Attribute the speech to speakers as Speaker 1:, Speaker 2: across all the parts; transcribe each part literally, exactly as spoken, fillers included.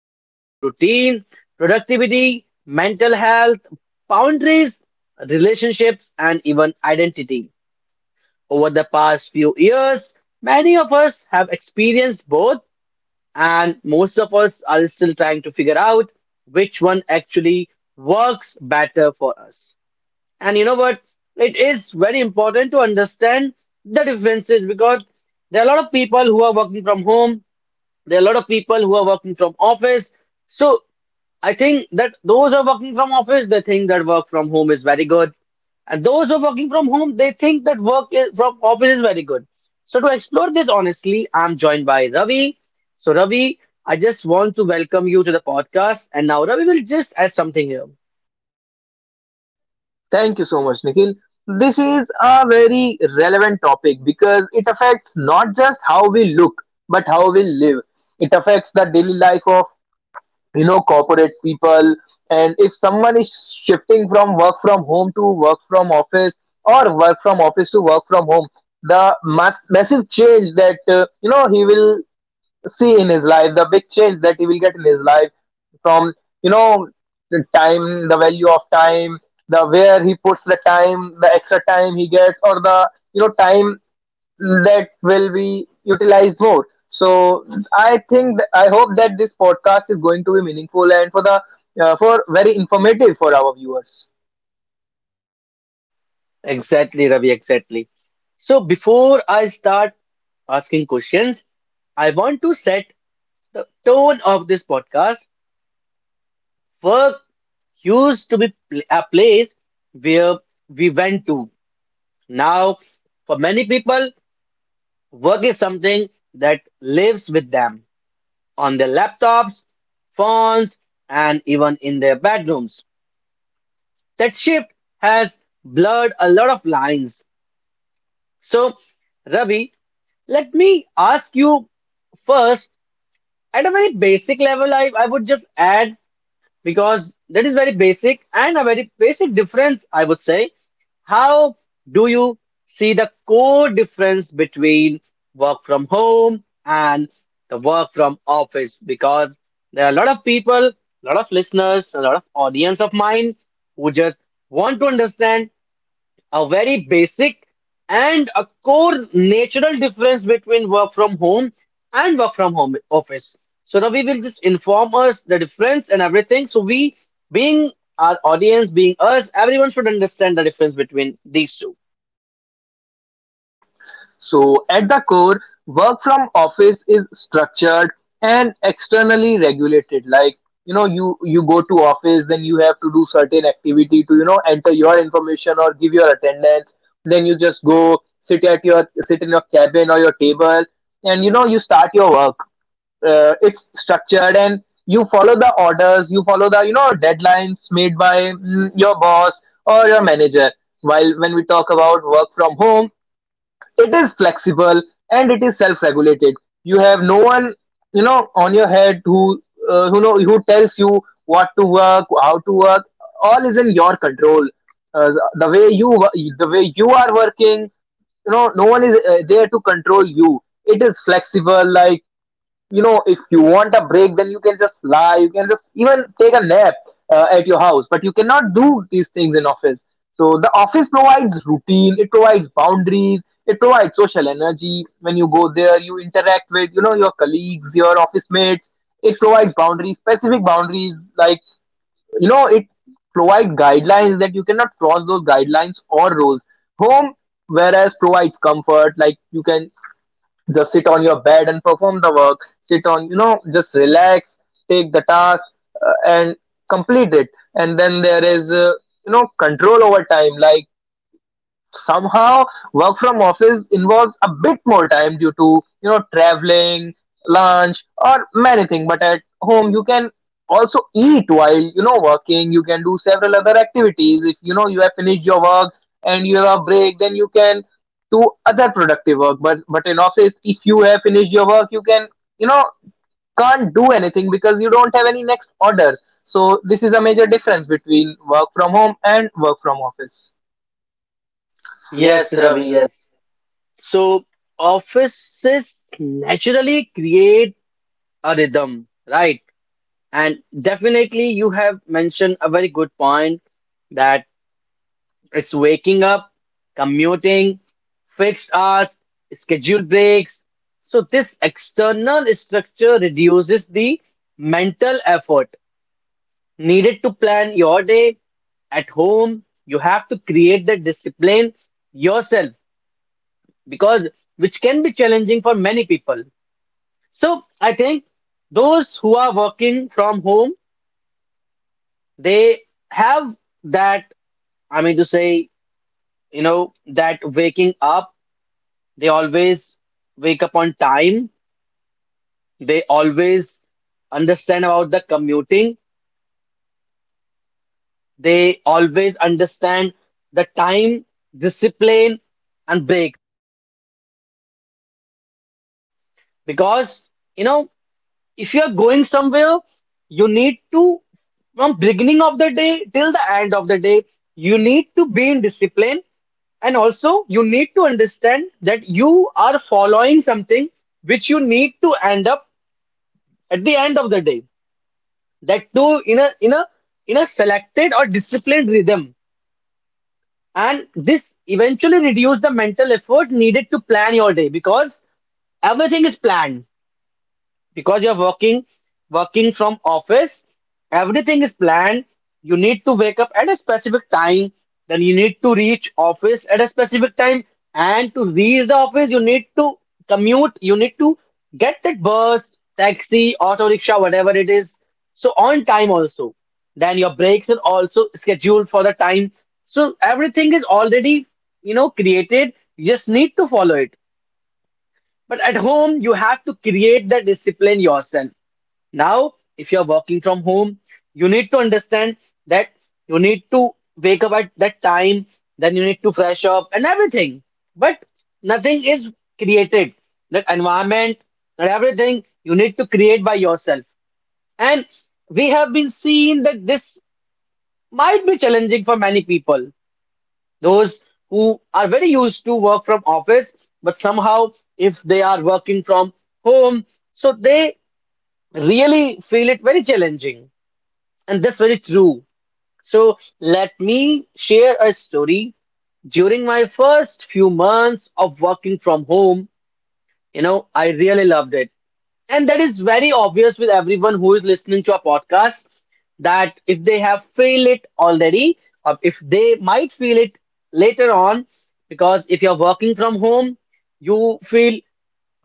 Speaker 1: it's about routine, productivity, mental health, boundaries, relationships, and even identity. Over the past few years, many of us have experienced both, and most of us are still trying to figure out which one actually works better for us. And you know what? It is very important to understand the differences because there are a lot of people who are working from home, there are a lot of people who are working from office. So I think that those are working from office, they think that work from home is very good. And those who are working from home, they think that work is, from office is very good. So to explore this honestly, I'm joined by Ravi. So Ravi, I just want to welcome you to the podcast. And now Ravi will just add something here.
Speaker 2: Thank you so much, Nikhil. This is a very relevant topic because it affects not just how we look, but how we live. It affects the daily life of, you know, corporate people. And if someone is shifting from work from home to work from office or work from office to work from home, the mass, massive change that, uh, you know, he will see in his life, the big change that he will get in his life from, you know, the time, the value of time, the where he puts the time, the extra time he gets, or the, you know, time that will be utilized more. So I think, th- I hope that this podcast is going to be meaningful and for the, uh, for very informative for our viewers.
Speaker 1: Exactly, Ravi, exactly. So before I start asking questions, I want to set the tone of this podcast. Work used to be pl- a place where we went to. Now, for many people, work is something that lives with them on their laptops, phones, and even in their bedrooms. That shift has blurred a lot of lines. So, Ravi, let me ask you first at a very basic level. I, I would just add because that is very basic and a very basic difference, I would say. How do you see the core difference between work from home and the work from office? Because there are a lot of people, a lot of listeners, a lot of audience of mine who just want to understand a very basic and a core natural difference between work from home and work from home office. So Ravi will just inform us the difference and everything. So we, being our audience, being us, everyone should understand the difference between these two.
Speaker 2: So, at the core, work from office is structured and externally regulated. Like you know, you you go to office, then you have to do certain activity to you know enter your information or give your attendance. Then you just go sit at your sit in your cabin or your table, and you know you start your work. Uh, it's structured and you follow the orders, you follow the you know deadlines made by mm, your boss or your manager. While when we talk about work from home, it is flexible and it is self-regulated. You have no one, you know, on your head who, uh, who know, who tells you what to work, how to work. All is in your control. Uh, the way you, wo- the way you are working, you know, no one is uh, there to control you. It is flexible, like you know if you want a break then you can just lie you can just even take a nap uh, at your house, but you cannot do these things in office. So the office provides routine, it provides boundaries, it provides social energy. When you go there, you interact with you know your colleagues, your office mates. It provides boundaries, specific boundaries, like you know it provides guidelines that you cannot cross, those guidelines or rules. Home, whereas, provides comfort. Like you can just sit on your bed and perform the work, sit on, you know just relax, take the task, uh, and complete it. And then there is, uh, you know control over time. Like somehow work from office involves a bit more time due to you know traveling, lunch, or many things, but at home you can also eat while you know working. You can do several other activities if you know you have finished your work and you have a break, then you can do other productive work. But but in office, if you have finished your work, you can you know can't do anything because you don't have any next orders. So this is a major difference between work from home and work from office. Yes,
Speaker 1: Yes, Ravi,
Speaker 2: Ravi.
Speaker 1: yes. So offices naturally create a rhythm, right? And definitely you have mentioned a very good point that. It's waking up, commuting, fixed hours, scheduled breaks. So, this external structure reduces the mental effort needed to plan your day. At home, you have to create the discipline yourself because which can be challenging for many people. So, I think those who are working from home, they have that, I mean, to say, you know, that waking up, they always wake up on time. They always understand about the commuting. They always understand the time, discipline, and break. Because, you know, if you are going somewhere, you need to, from beginning of the day till the end of the day, you need to be in discipline and also you need to understand that you are following something which you need to end up at the end of the day, that too in a in a in a selected or disciplined rhythm, and this eventually reduce the mental effort needed to plan your day because everything is planned, because you're working working from office, everything is planned. You need to wake up at a specific time, then you need to reach office at a specific time, and to reach the office you need to commute, you need to get that bus, taxi, auto rickshaw, whatever it is, so on time also. Then your breaks are also scheduled for the time. So everything is already, you know, created, you just need to follow it. But at home, you have to create the discipline yourself. Now, if you're working from home, you need to understand that you need to wake up at that time, then you need to fresh up and everything. But nothing is created. That environment, that everything you need to create by yourself. And we have been seeing that this might be challenging for many people. Those who are very used to work from office, but somehow if they are working from home, so they really feel it very challenging. And that's very true. So let me share a story. During my first few months of working from home, you know, I really loved it. And that is very obvious with everyone who is listening to a podcast that if they have feel it already, or if they might feel it later on, because if you're working from home, you feel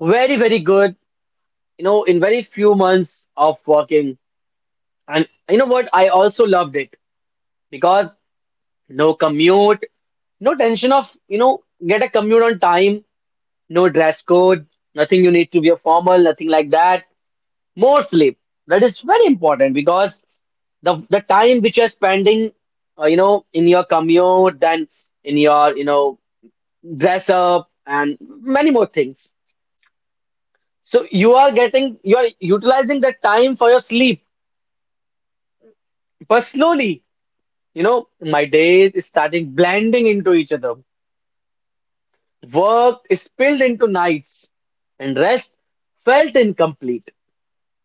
Speaker 1: very, very good, you know, in very few months of working. And you know what? I also loved it because no commute, no tension of, you know, get a commute on time, no dress code, nothing you need to wear formal, nothing like that. More sleep. That is very important because the the time which you're spending, uh, you know, in your commute, then in your, you know, dress up and many more things. So you are getting, you are utilizing that time for your sleep, but slowly, you know, my days is starting blending into each other. Work spilled into nights, and rest felt incomplete.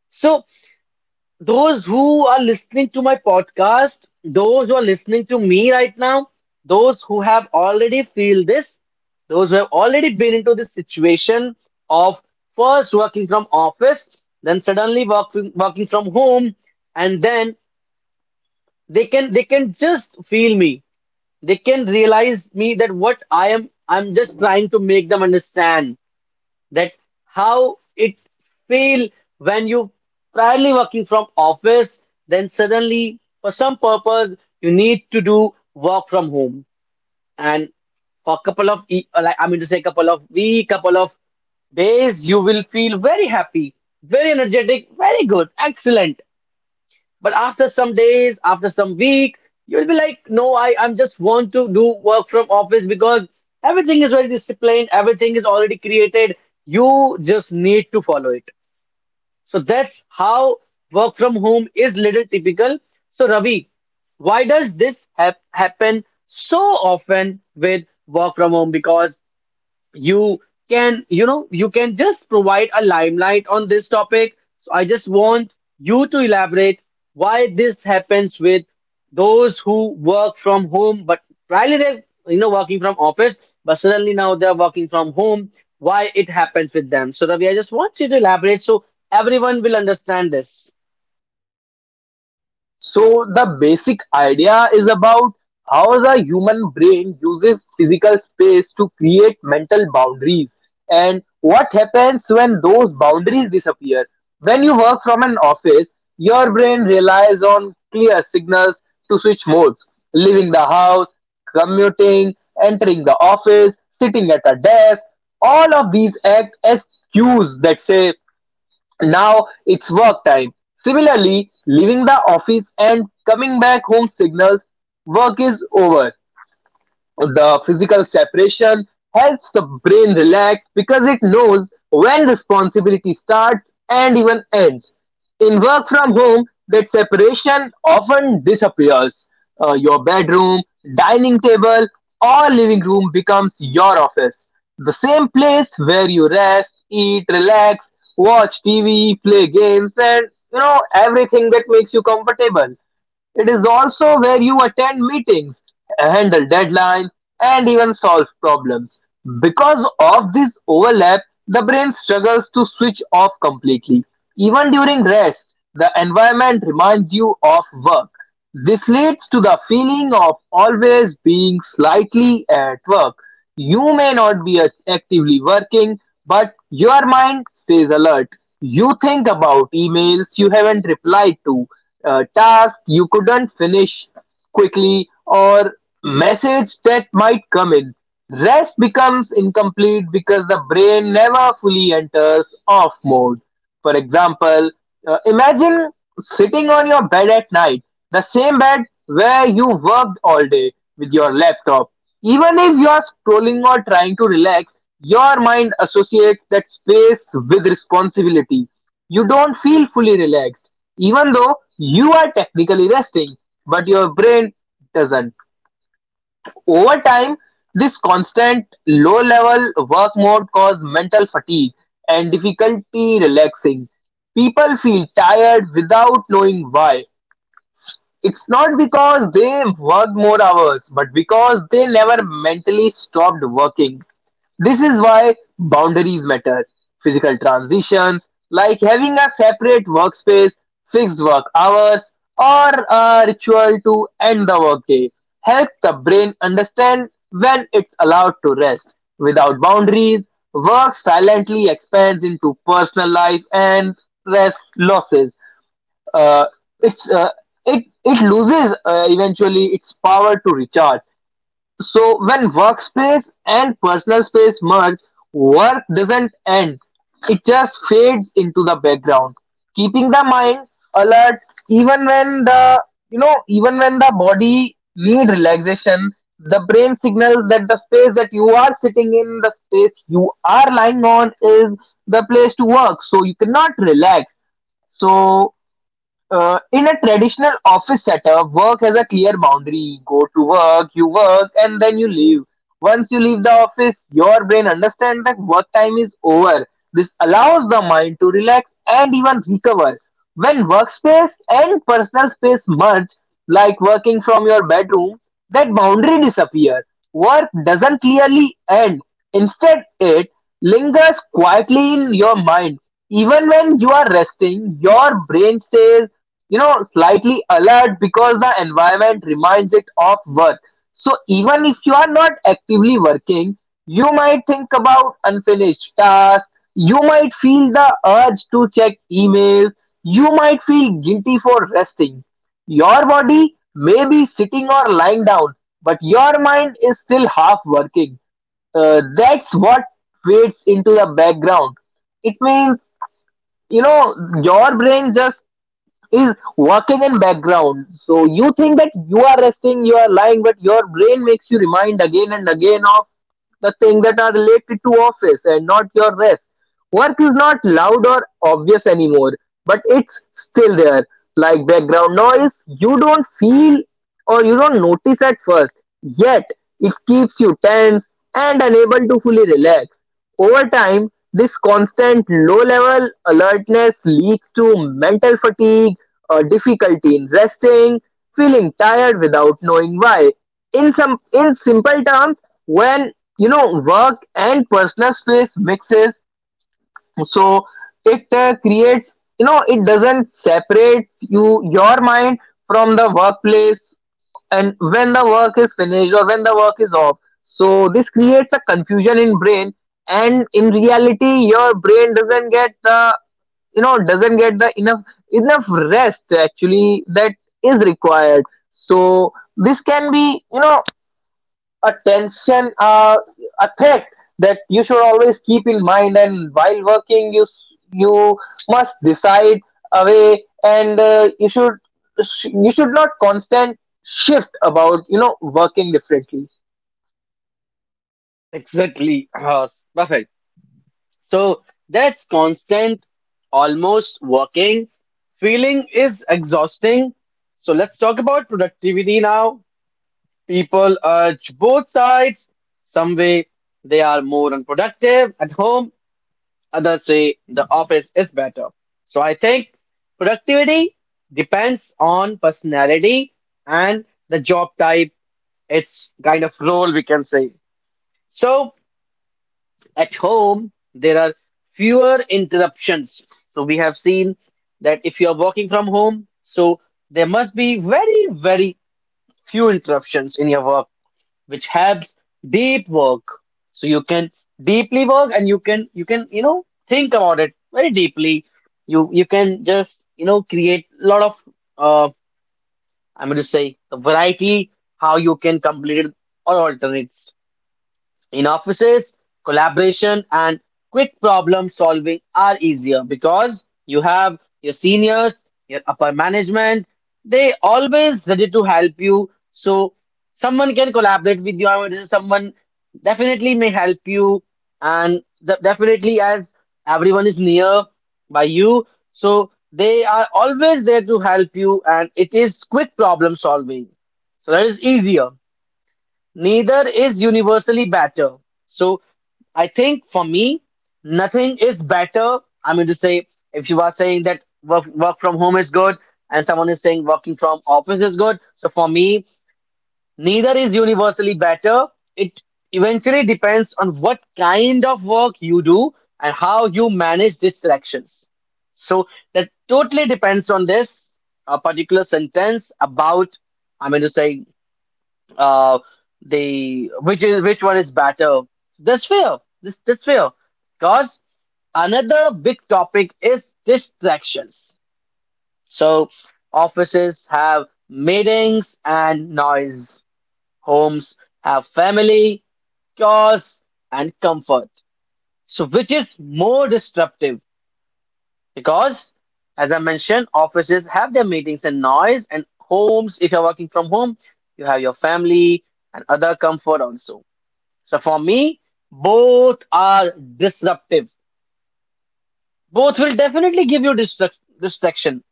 Speaker 1: So, those who are listening to my podcast, those who are listening to me right now, those who have already feel this, those who have already been into this situation of first working from office, then suddenly working working from home, and then they can they can just feel me. They can realize me that what I am I'm just trying to make them understand that how it feel when you primarily working from office, then suddenly for some purpose you need to do work from home, and for a couple of e- like, I mean to say, couple of week, couple of days, you will feel very happy, very energetic, very good, excellent. But after some days, after some week, you'll be like, no, I I'm just want to do work from office because everything is very disciplined, everything is already created. You just need to follow it. So that's how work from home is little typical. So Ravi, why does this hap happen so often with work from home? Because you can, you know, you can just provide a limelight on this topic, so I just want you to elaborate why this happens with those who work from home but primarily they're, you know, working from office, but suddenly now they're working from home. Why it happens with them? So Ravi, I just want you to elaborate so everyone will understand this.
Speaker 2: So the basic idea is about how the human brain uses physical space to create mental boundaries, and what happens when those boundaries disappear. When you work from an office, your brain relies on clear signals to switch modes: leaving the house, commuting, entering the office, sitting at a desk. All of these act as cues that say now it's work time. Similarly, leaving the office and coming back home signals work is over. The physical separation helps the brain relax because it knows when responsibility starts and even ends. In work from home, that separation often disappears. Uh, your bedroom, dining table, or living room becomes your office. The same place where you rest, eat, relax, watch T V, play games, and you know everything that makes you comfortable. It is also where you attend meetings, handle deadlines, and even solve problems. Because of this overlap, the brain struggles to switch off completely. Even during rest, the environment reminds you of work. This leads to the feeling of always being slightly at work. You may not be act- actively working, but your mind stays alert. You think about emails you haven't replied to, uh, tasks you couldn't finish quickly, or message that might come in. Rest becomes incomplete because the brain never fully enters off mode. For example, uh, imagine sitting on your bed at night, the same bed where you worked all day with your laptop. Even if you are scrolling or trying to relax, your mind associates that space with responsibility. You don't feel fully relaxed, even though you are technically resting, but your brain doesn't. Over time, this constant low level work mode causes mental fatigue and difficulty relaxing. People feel tired without knowing why. It's not because they worked more hours, but because they never mentally stopped working. This is why boundaries matter. Physical transitions, like having a separate workspace, fixed work hours, or a ritual to end the workday, help the brain understand when it's allowed to rest. Without boundaries, work silently expands into personal life, and rest losses. Uh, it's uh, it it loses, uh, eventually, its power to recharge. So when workspace and personal space merge, work doesn't end. It just fades into the background, keeping the mind alert even when the you know even when the body need relaxation. The brain signals that the space that you are sitting in, the space you are lying on, is the place to work. So you cannot relax. So, uh, in a traditional office setup, work has a clear boundary. Go to work, you work, and then you leave. Once you leave the office, your brain understands that work time is over. This allows the mind to relax and even recover. When workspace and personal space merge, like working from your bedroom, that boundary disappears. Work doesn't clearly end. Instead, it lingers quietly in your mind. Even when you are resting, your brain stays, you know, slightly alert because the environment reminds it of work. So even if you are not actively working, you might think about unfinished tasks. You might feel the urge to check emails. You might feel guilty for resting. Your body may be sitting or lying down, but your mind is still half working. Uh, that's what fades into the background. It means, you know, your brain just is working in background. So you think that you are resting, you are lying, but your brain makes you remind again and again of the things that are related to office and not your rest. Work is not loud or obvious anymore, but it's still there, like background noise you don't feel or you don't notice at first, yet it keeps you tense and unable to fully relax. Over time, this constant low-level alertness leads to mental fatigue, a difficulty in resting, feeling tired without knowing why. In some in simple terms, when you know work and personal space mixes, so it uh, creates, you know it doesn't separate you your mind from the workplace, and when the work is finished or when the work is off, so this creates a confusion in brain. And in reality your brain doesn't get the, you know doesn't get the enough enough rest actually that is required. So this can be, you know a tension, uh, a threat, that you should always keep in mind. And while working, you you must decide away, and, uh, you should, you should not constant shift about, you know working differently.
Speaker 1: Exactly. uh, Perfect. So that's constant, almost working. Feeling is exhausting. So let's talk about productivity now. People urge both sides. Some way they are more unproductive at home, others say the office is better. So I think productivity depends on personality and the job type. It's kind of role we can say. So at home, there are fewer interruptions. So we have seen that if you are working from home, so there must be very, very few interruptions in your work, which helps deep work. So you can deeply work and you can you can you know think about it very deeply. You you can just, you know, create a lot of uh I'm going to say the variety how you can complete it or alternates. In offices, collaboration and quick problem solving are easier because you have your seniors, your upper management, they always ready to help you. So someone can collaborate with you. I mean, this is someone definitely may help you, and de- definitely as everyone is near by you, so they are always there to help you, and it is quick problem solving. So that is easier. Neither is universally better. So I think for me, nothing is better. I mean to say, if you are saying that work, work from home is good and someone is saying working from office is good, so for me, neither is universally better. It eventually depends on what kind of work you do and how you manage distractions. So that totally depends on this a particular sentence about, I mean to say, uh the which is which one is better. that's fair this that's fair because another big topic is distractions. So offices have meetings and noise, homes have family, chores, and comfort. So which is more disruptive? Because as I mentioned, offices have their meetings and noise, and homes, if you're working from home, you have your family and other comfort also. So for me, both are disruptive. Both will definitely give you distract- distraction,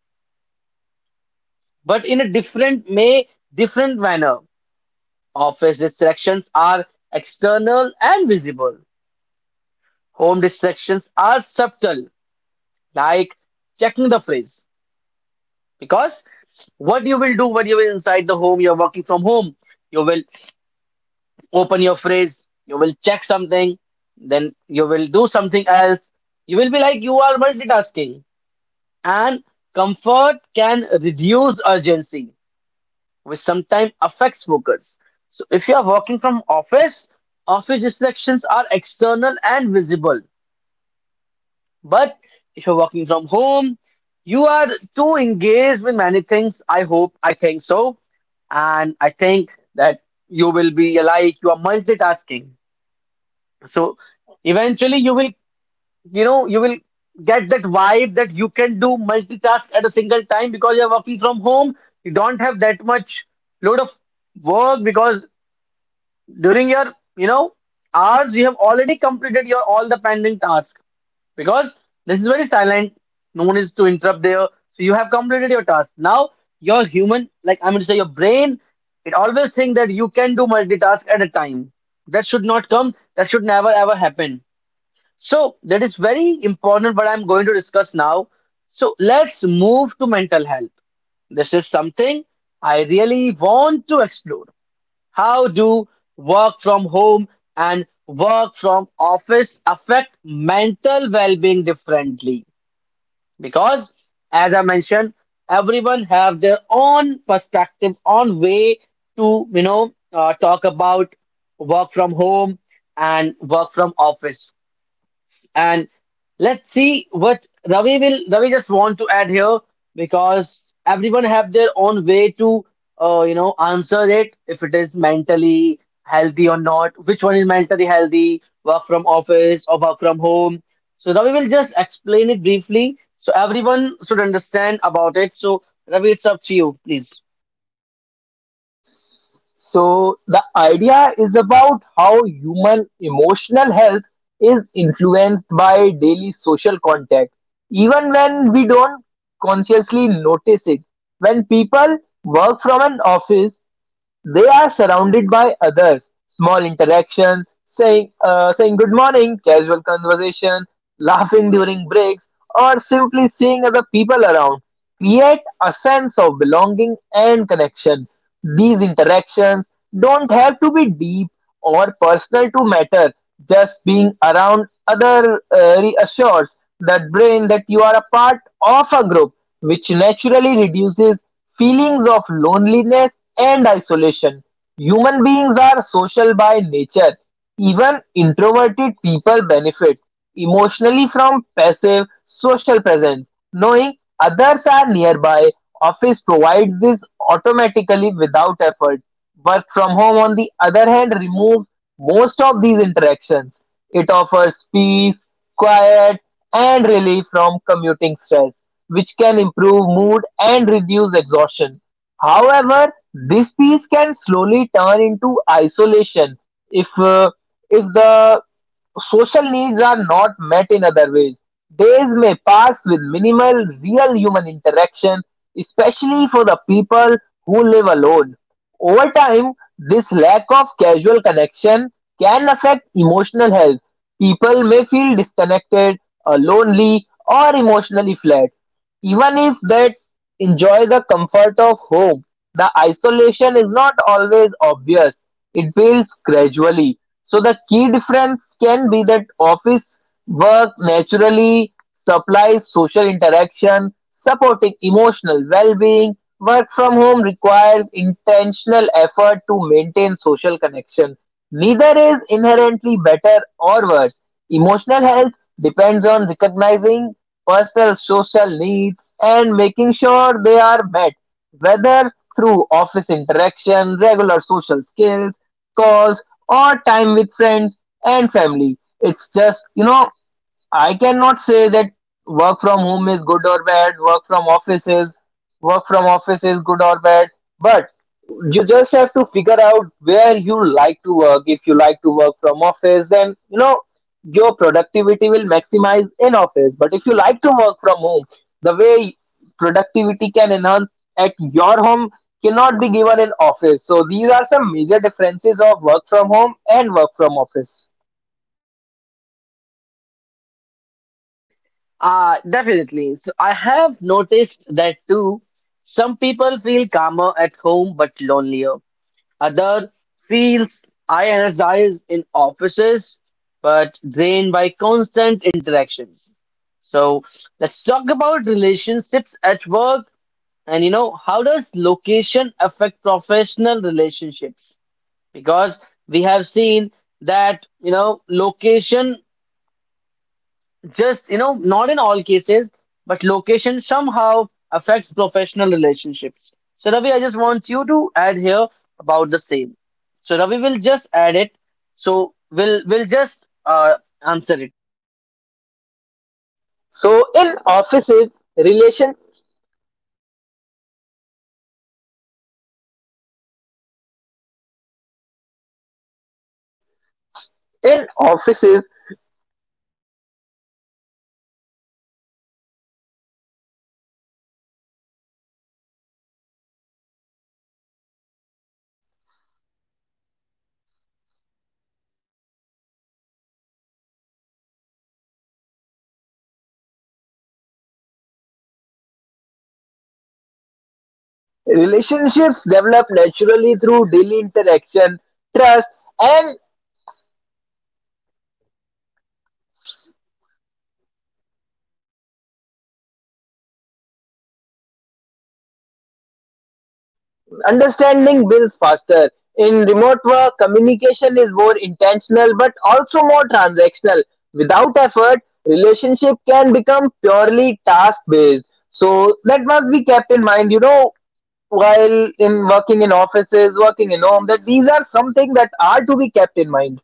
Speaker 1: but in a different way, different manner. Office distractions are external and visible. Home distractions are subtle, like checking the phrase. Because what you will do when you're inside the home, you're working from home, you will open your phrase, you will check something, then you will do something else. You will be like you are multitasking. And comfort can reduce urgency, which sometimes affects focus. So if you are working from office, office distractions are external and visible. But if you're working from home, you are too engaged with many things. I hope, I think so. And I think that you will be like you are multitasking. So eventually you will you know, you will get that vibe that you can do multitask at a single time because you're working from home. You don't have that much load of work because during your, you know, hours you have already completed your all the pending task because this is very silent. No one is to interrupt there. So you have completed your task. Now your human, like I mean to say your brain, it always think that you can do multitask at a time. That should not come. That should never ever happen. So that is very important what I'm going to discuss now. So let's move to mental health. This is something I really want to explore. How do work from home and work from office affect mental well-being differently? Because as I mentioned, everyone have their own perspective, on way to you know uh, talk about work from home and work from office and let's see what Ravi will. Ravi just want to add here because everyone have their own way to, uh, you know, answer it. If it is mentally healthy or not, which one is mentally healthy? Work from office or work from home? So Ravi will just explain it briefly so everyone should understand about it. So Ravi, it's up to you, please.
Speaker 2: So the idea is about how human emotional health is influenced by daily social contact, even when we don't consciously notice it. When people work from an office, they are surrounded by others. Small interactions, saying, uh, saying good morning, casual conversation, laughing during breaks, or simply seeing other people around create a sense of belonging and connection. These interactions don't have to be deep or personal to matter. Just being around other, uh, reassures that brain that you are a part of a group, which naturally reduces feelings of loneliness and isolation. Human beings are social by nature. Even introverted people benefit emotionally from passive social presence. Knowing others are nearby, office provides this automatically without effort. Work from home, on the other hand, removes most of these interactions. It offers peace, quiet, and relief from commuting stress, which can improve mood and reduce exhaustion. However, this peace can slowly turn into isolation if uh, if the social needs are not met in other ways. Days may pass with minimal real human interaction, especially for the people who live alone. Over time, this lack of casual connection can affect emotional health. People may feel disconnected, uh, lonely, or emotionally flat. Even if they enjoy the comfort of home, the isolation is not always obvious. It builds gradually. So the key difference can be that office work naturally supplies social interaction, supporting emotional well-being. Work from home requires intentional effort to maintain social connection. Neither is inherently better or worse; emotional health depends on recognizing personal social needs and making sure they are met, whether through office interaction, regular social skills, calls, or time with friends and family. It's just, you know, I cannot say that work from home is good or bad, work from office is work from office is good or bad, but you just have to figure out where you like to work. If you like to work from office, then you know your productivity will maximize in office. But if you like to work from home, the way productivity can enhance at your home cannot be given in office. So these are some major differences of work from home and work from office.
Speaker 1: Uh, definitely. So I have noticed that too. Some people feel calmer at home but lonelier. Other feels energized in offices but drained by constant interactions. So let's talk about relationships at work, and you know how does location affect professional relationships? Because we have seen that, you know, location, just you know not in all cases, but location somehow affects professional relationships. So Ravi, I just want you to add here about the same. So Ravi will just add it. So we'll we'll just uh, answer it.
Speaker 2: So in offices, relation in offices relationships develop naturally through daily interaction. Trust and understanding builds faster. In remote work, communication is more intentional but also more transactional. Without effort, relationship can become purely task based. So that must be kept in mind, you know, while in working in offices, working in home, that these are something that are to be kept in mind.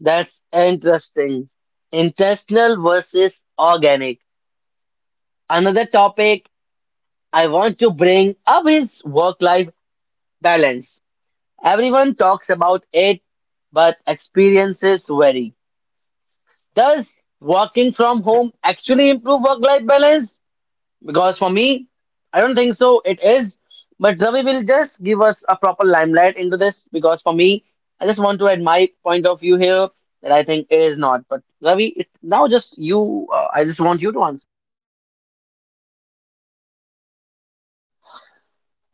Speaker 1: That's interesting. Intentional versus organic. Another topic I want to bring up is work life balance. Everyone talks about it, but experiences vary. Does working from home actually improve work life balance? Because for me, I don't think so. It is. But Ravi will just give us a proper limelight into this. Because for me, I just want to add my point of view here that I think it is not. But Ravi, it, now just you, uh, I just want you to answer.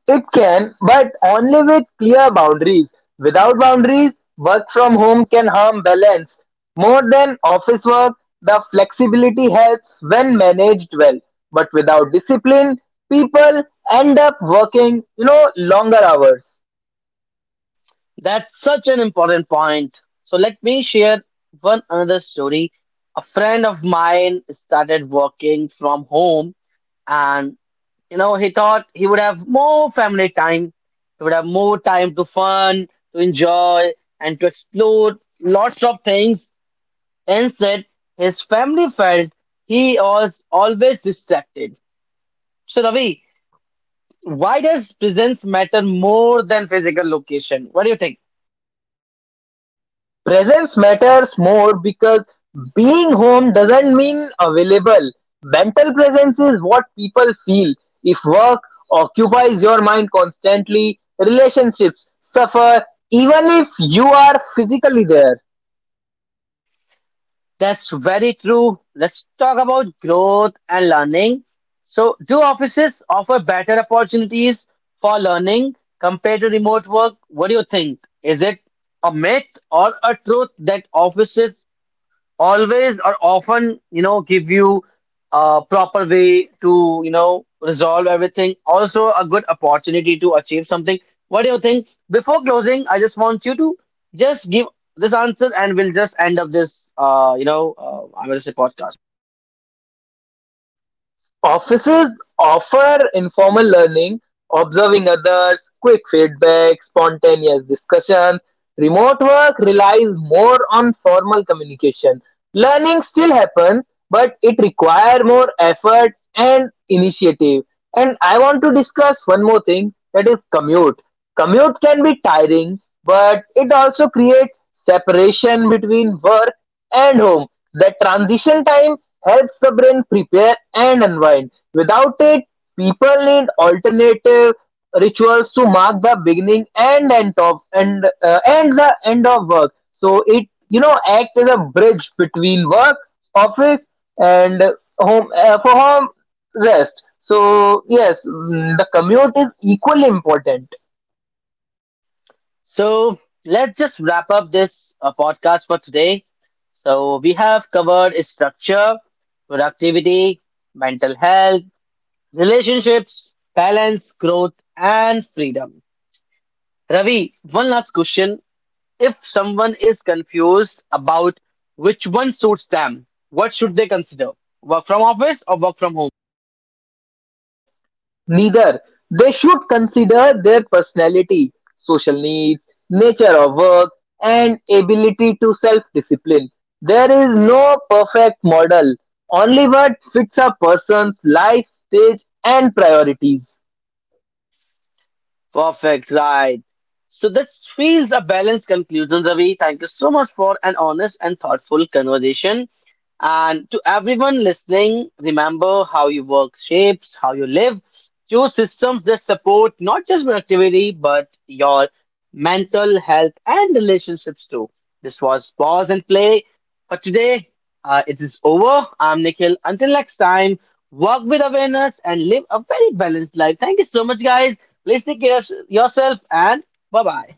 Speaker 2: It can, but only with clear boundaries. Without boundaries, work from home can harm balance more than office work. The flexibility helps when managed well, but without discipline, people end up working, you know, longer hours.
Speaker 1: That's such an important point. So let me share one another story. A friend of mine started working from home, and you know, he thought he would have more family time, he would have more time to fun, to enjoy, and to explore lots of things. Instead, his family felt he was always distracted. So, Ravi, why does presence matter more than physical location? What do you think?
Speaker 2: Presence matters more because being home doesn't mean available. Mental presence is what people feel. If work occupies your mind constantly, relationships suffer even if you are physically there.
Speaker 1: That's very true. Let's talk about growth and learning. So, do offices offer better opportunities for learning compared to remote work? What do you think? Is it a myth or a truth that offices always or often you know give you a proper way to you know resolve everything, also a good opportunity to achieve something? What do you think? Before closing I just want you to just give this answer, and we'll just end up this uh you know uh, I'm gonna say podcast.
Speaker 2: Offices offer informal learning, observing others, quick feedback, spontaneous discussions. Remote work relies more on formal communication. Learning still happens, but it requires more effort and initiative. And I want to discuss one more thing, that is commute. Commute can be tiring, but it also creates separation between work and home. The transition time helps the brain prepare and unwind. Without it, people need alternative rituals to mark the beginning and end of and uh, and the end of work. So it, you know acts as a bridge between work, office, and home, uh, for home rest. So yes, mm, the commute is equally important.
Speaker 1: So let's just wrap up this uh, podcast for today. So we have covered structure, productivity, mental health, relationships, balance, growth and freedom. Ravi, one last question. If someone is confused about which one suits them, what should they consider? Work from office or work from home?
Speaker 2: Neither. They should consider their personality, social needs, nature of work, and ability to self discipline. There is no perfect model, only what fits a person's life stage and priorities.
Speaker 1: Perfect, right. So this feels a balanced conclusion, Ravi. Thank you so much for an honest and thoughtful conversation. And to everyone listening, remember how you work shapes, how you live. Choose systems that support not just productivity, but your mental health and relationships too. This was Pause and Play for today. Uh, it is over. I'm Nikhil. Until next time, work with awareness and live a very balanced life. Thank you so much, guys. Please take care of yourself and bye bye.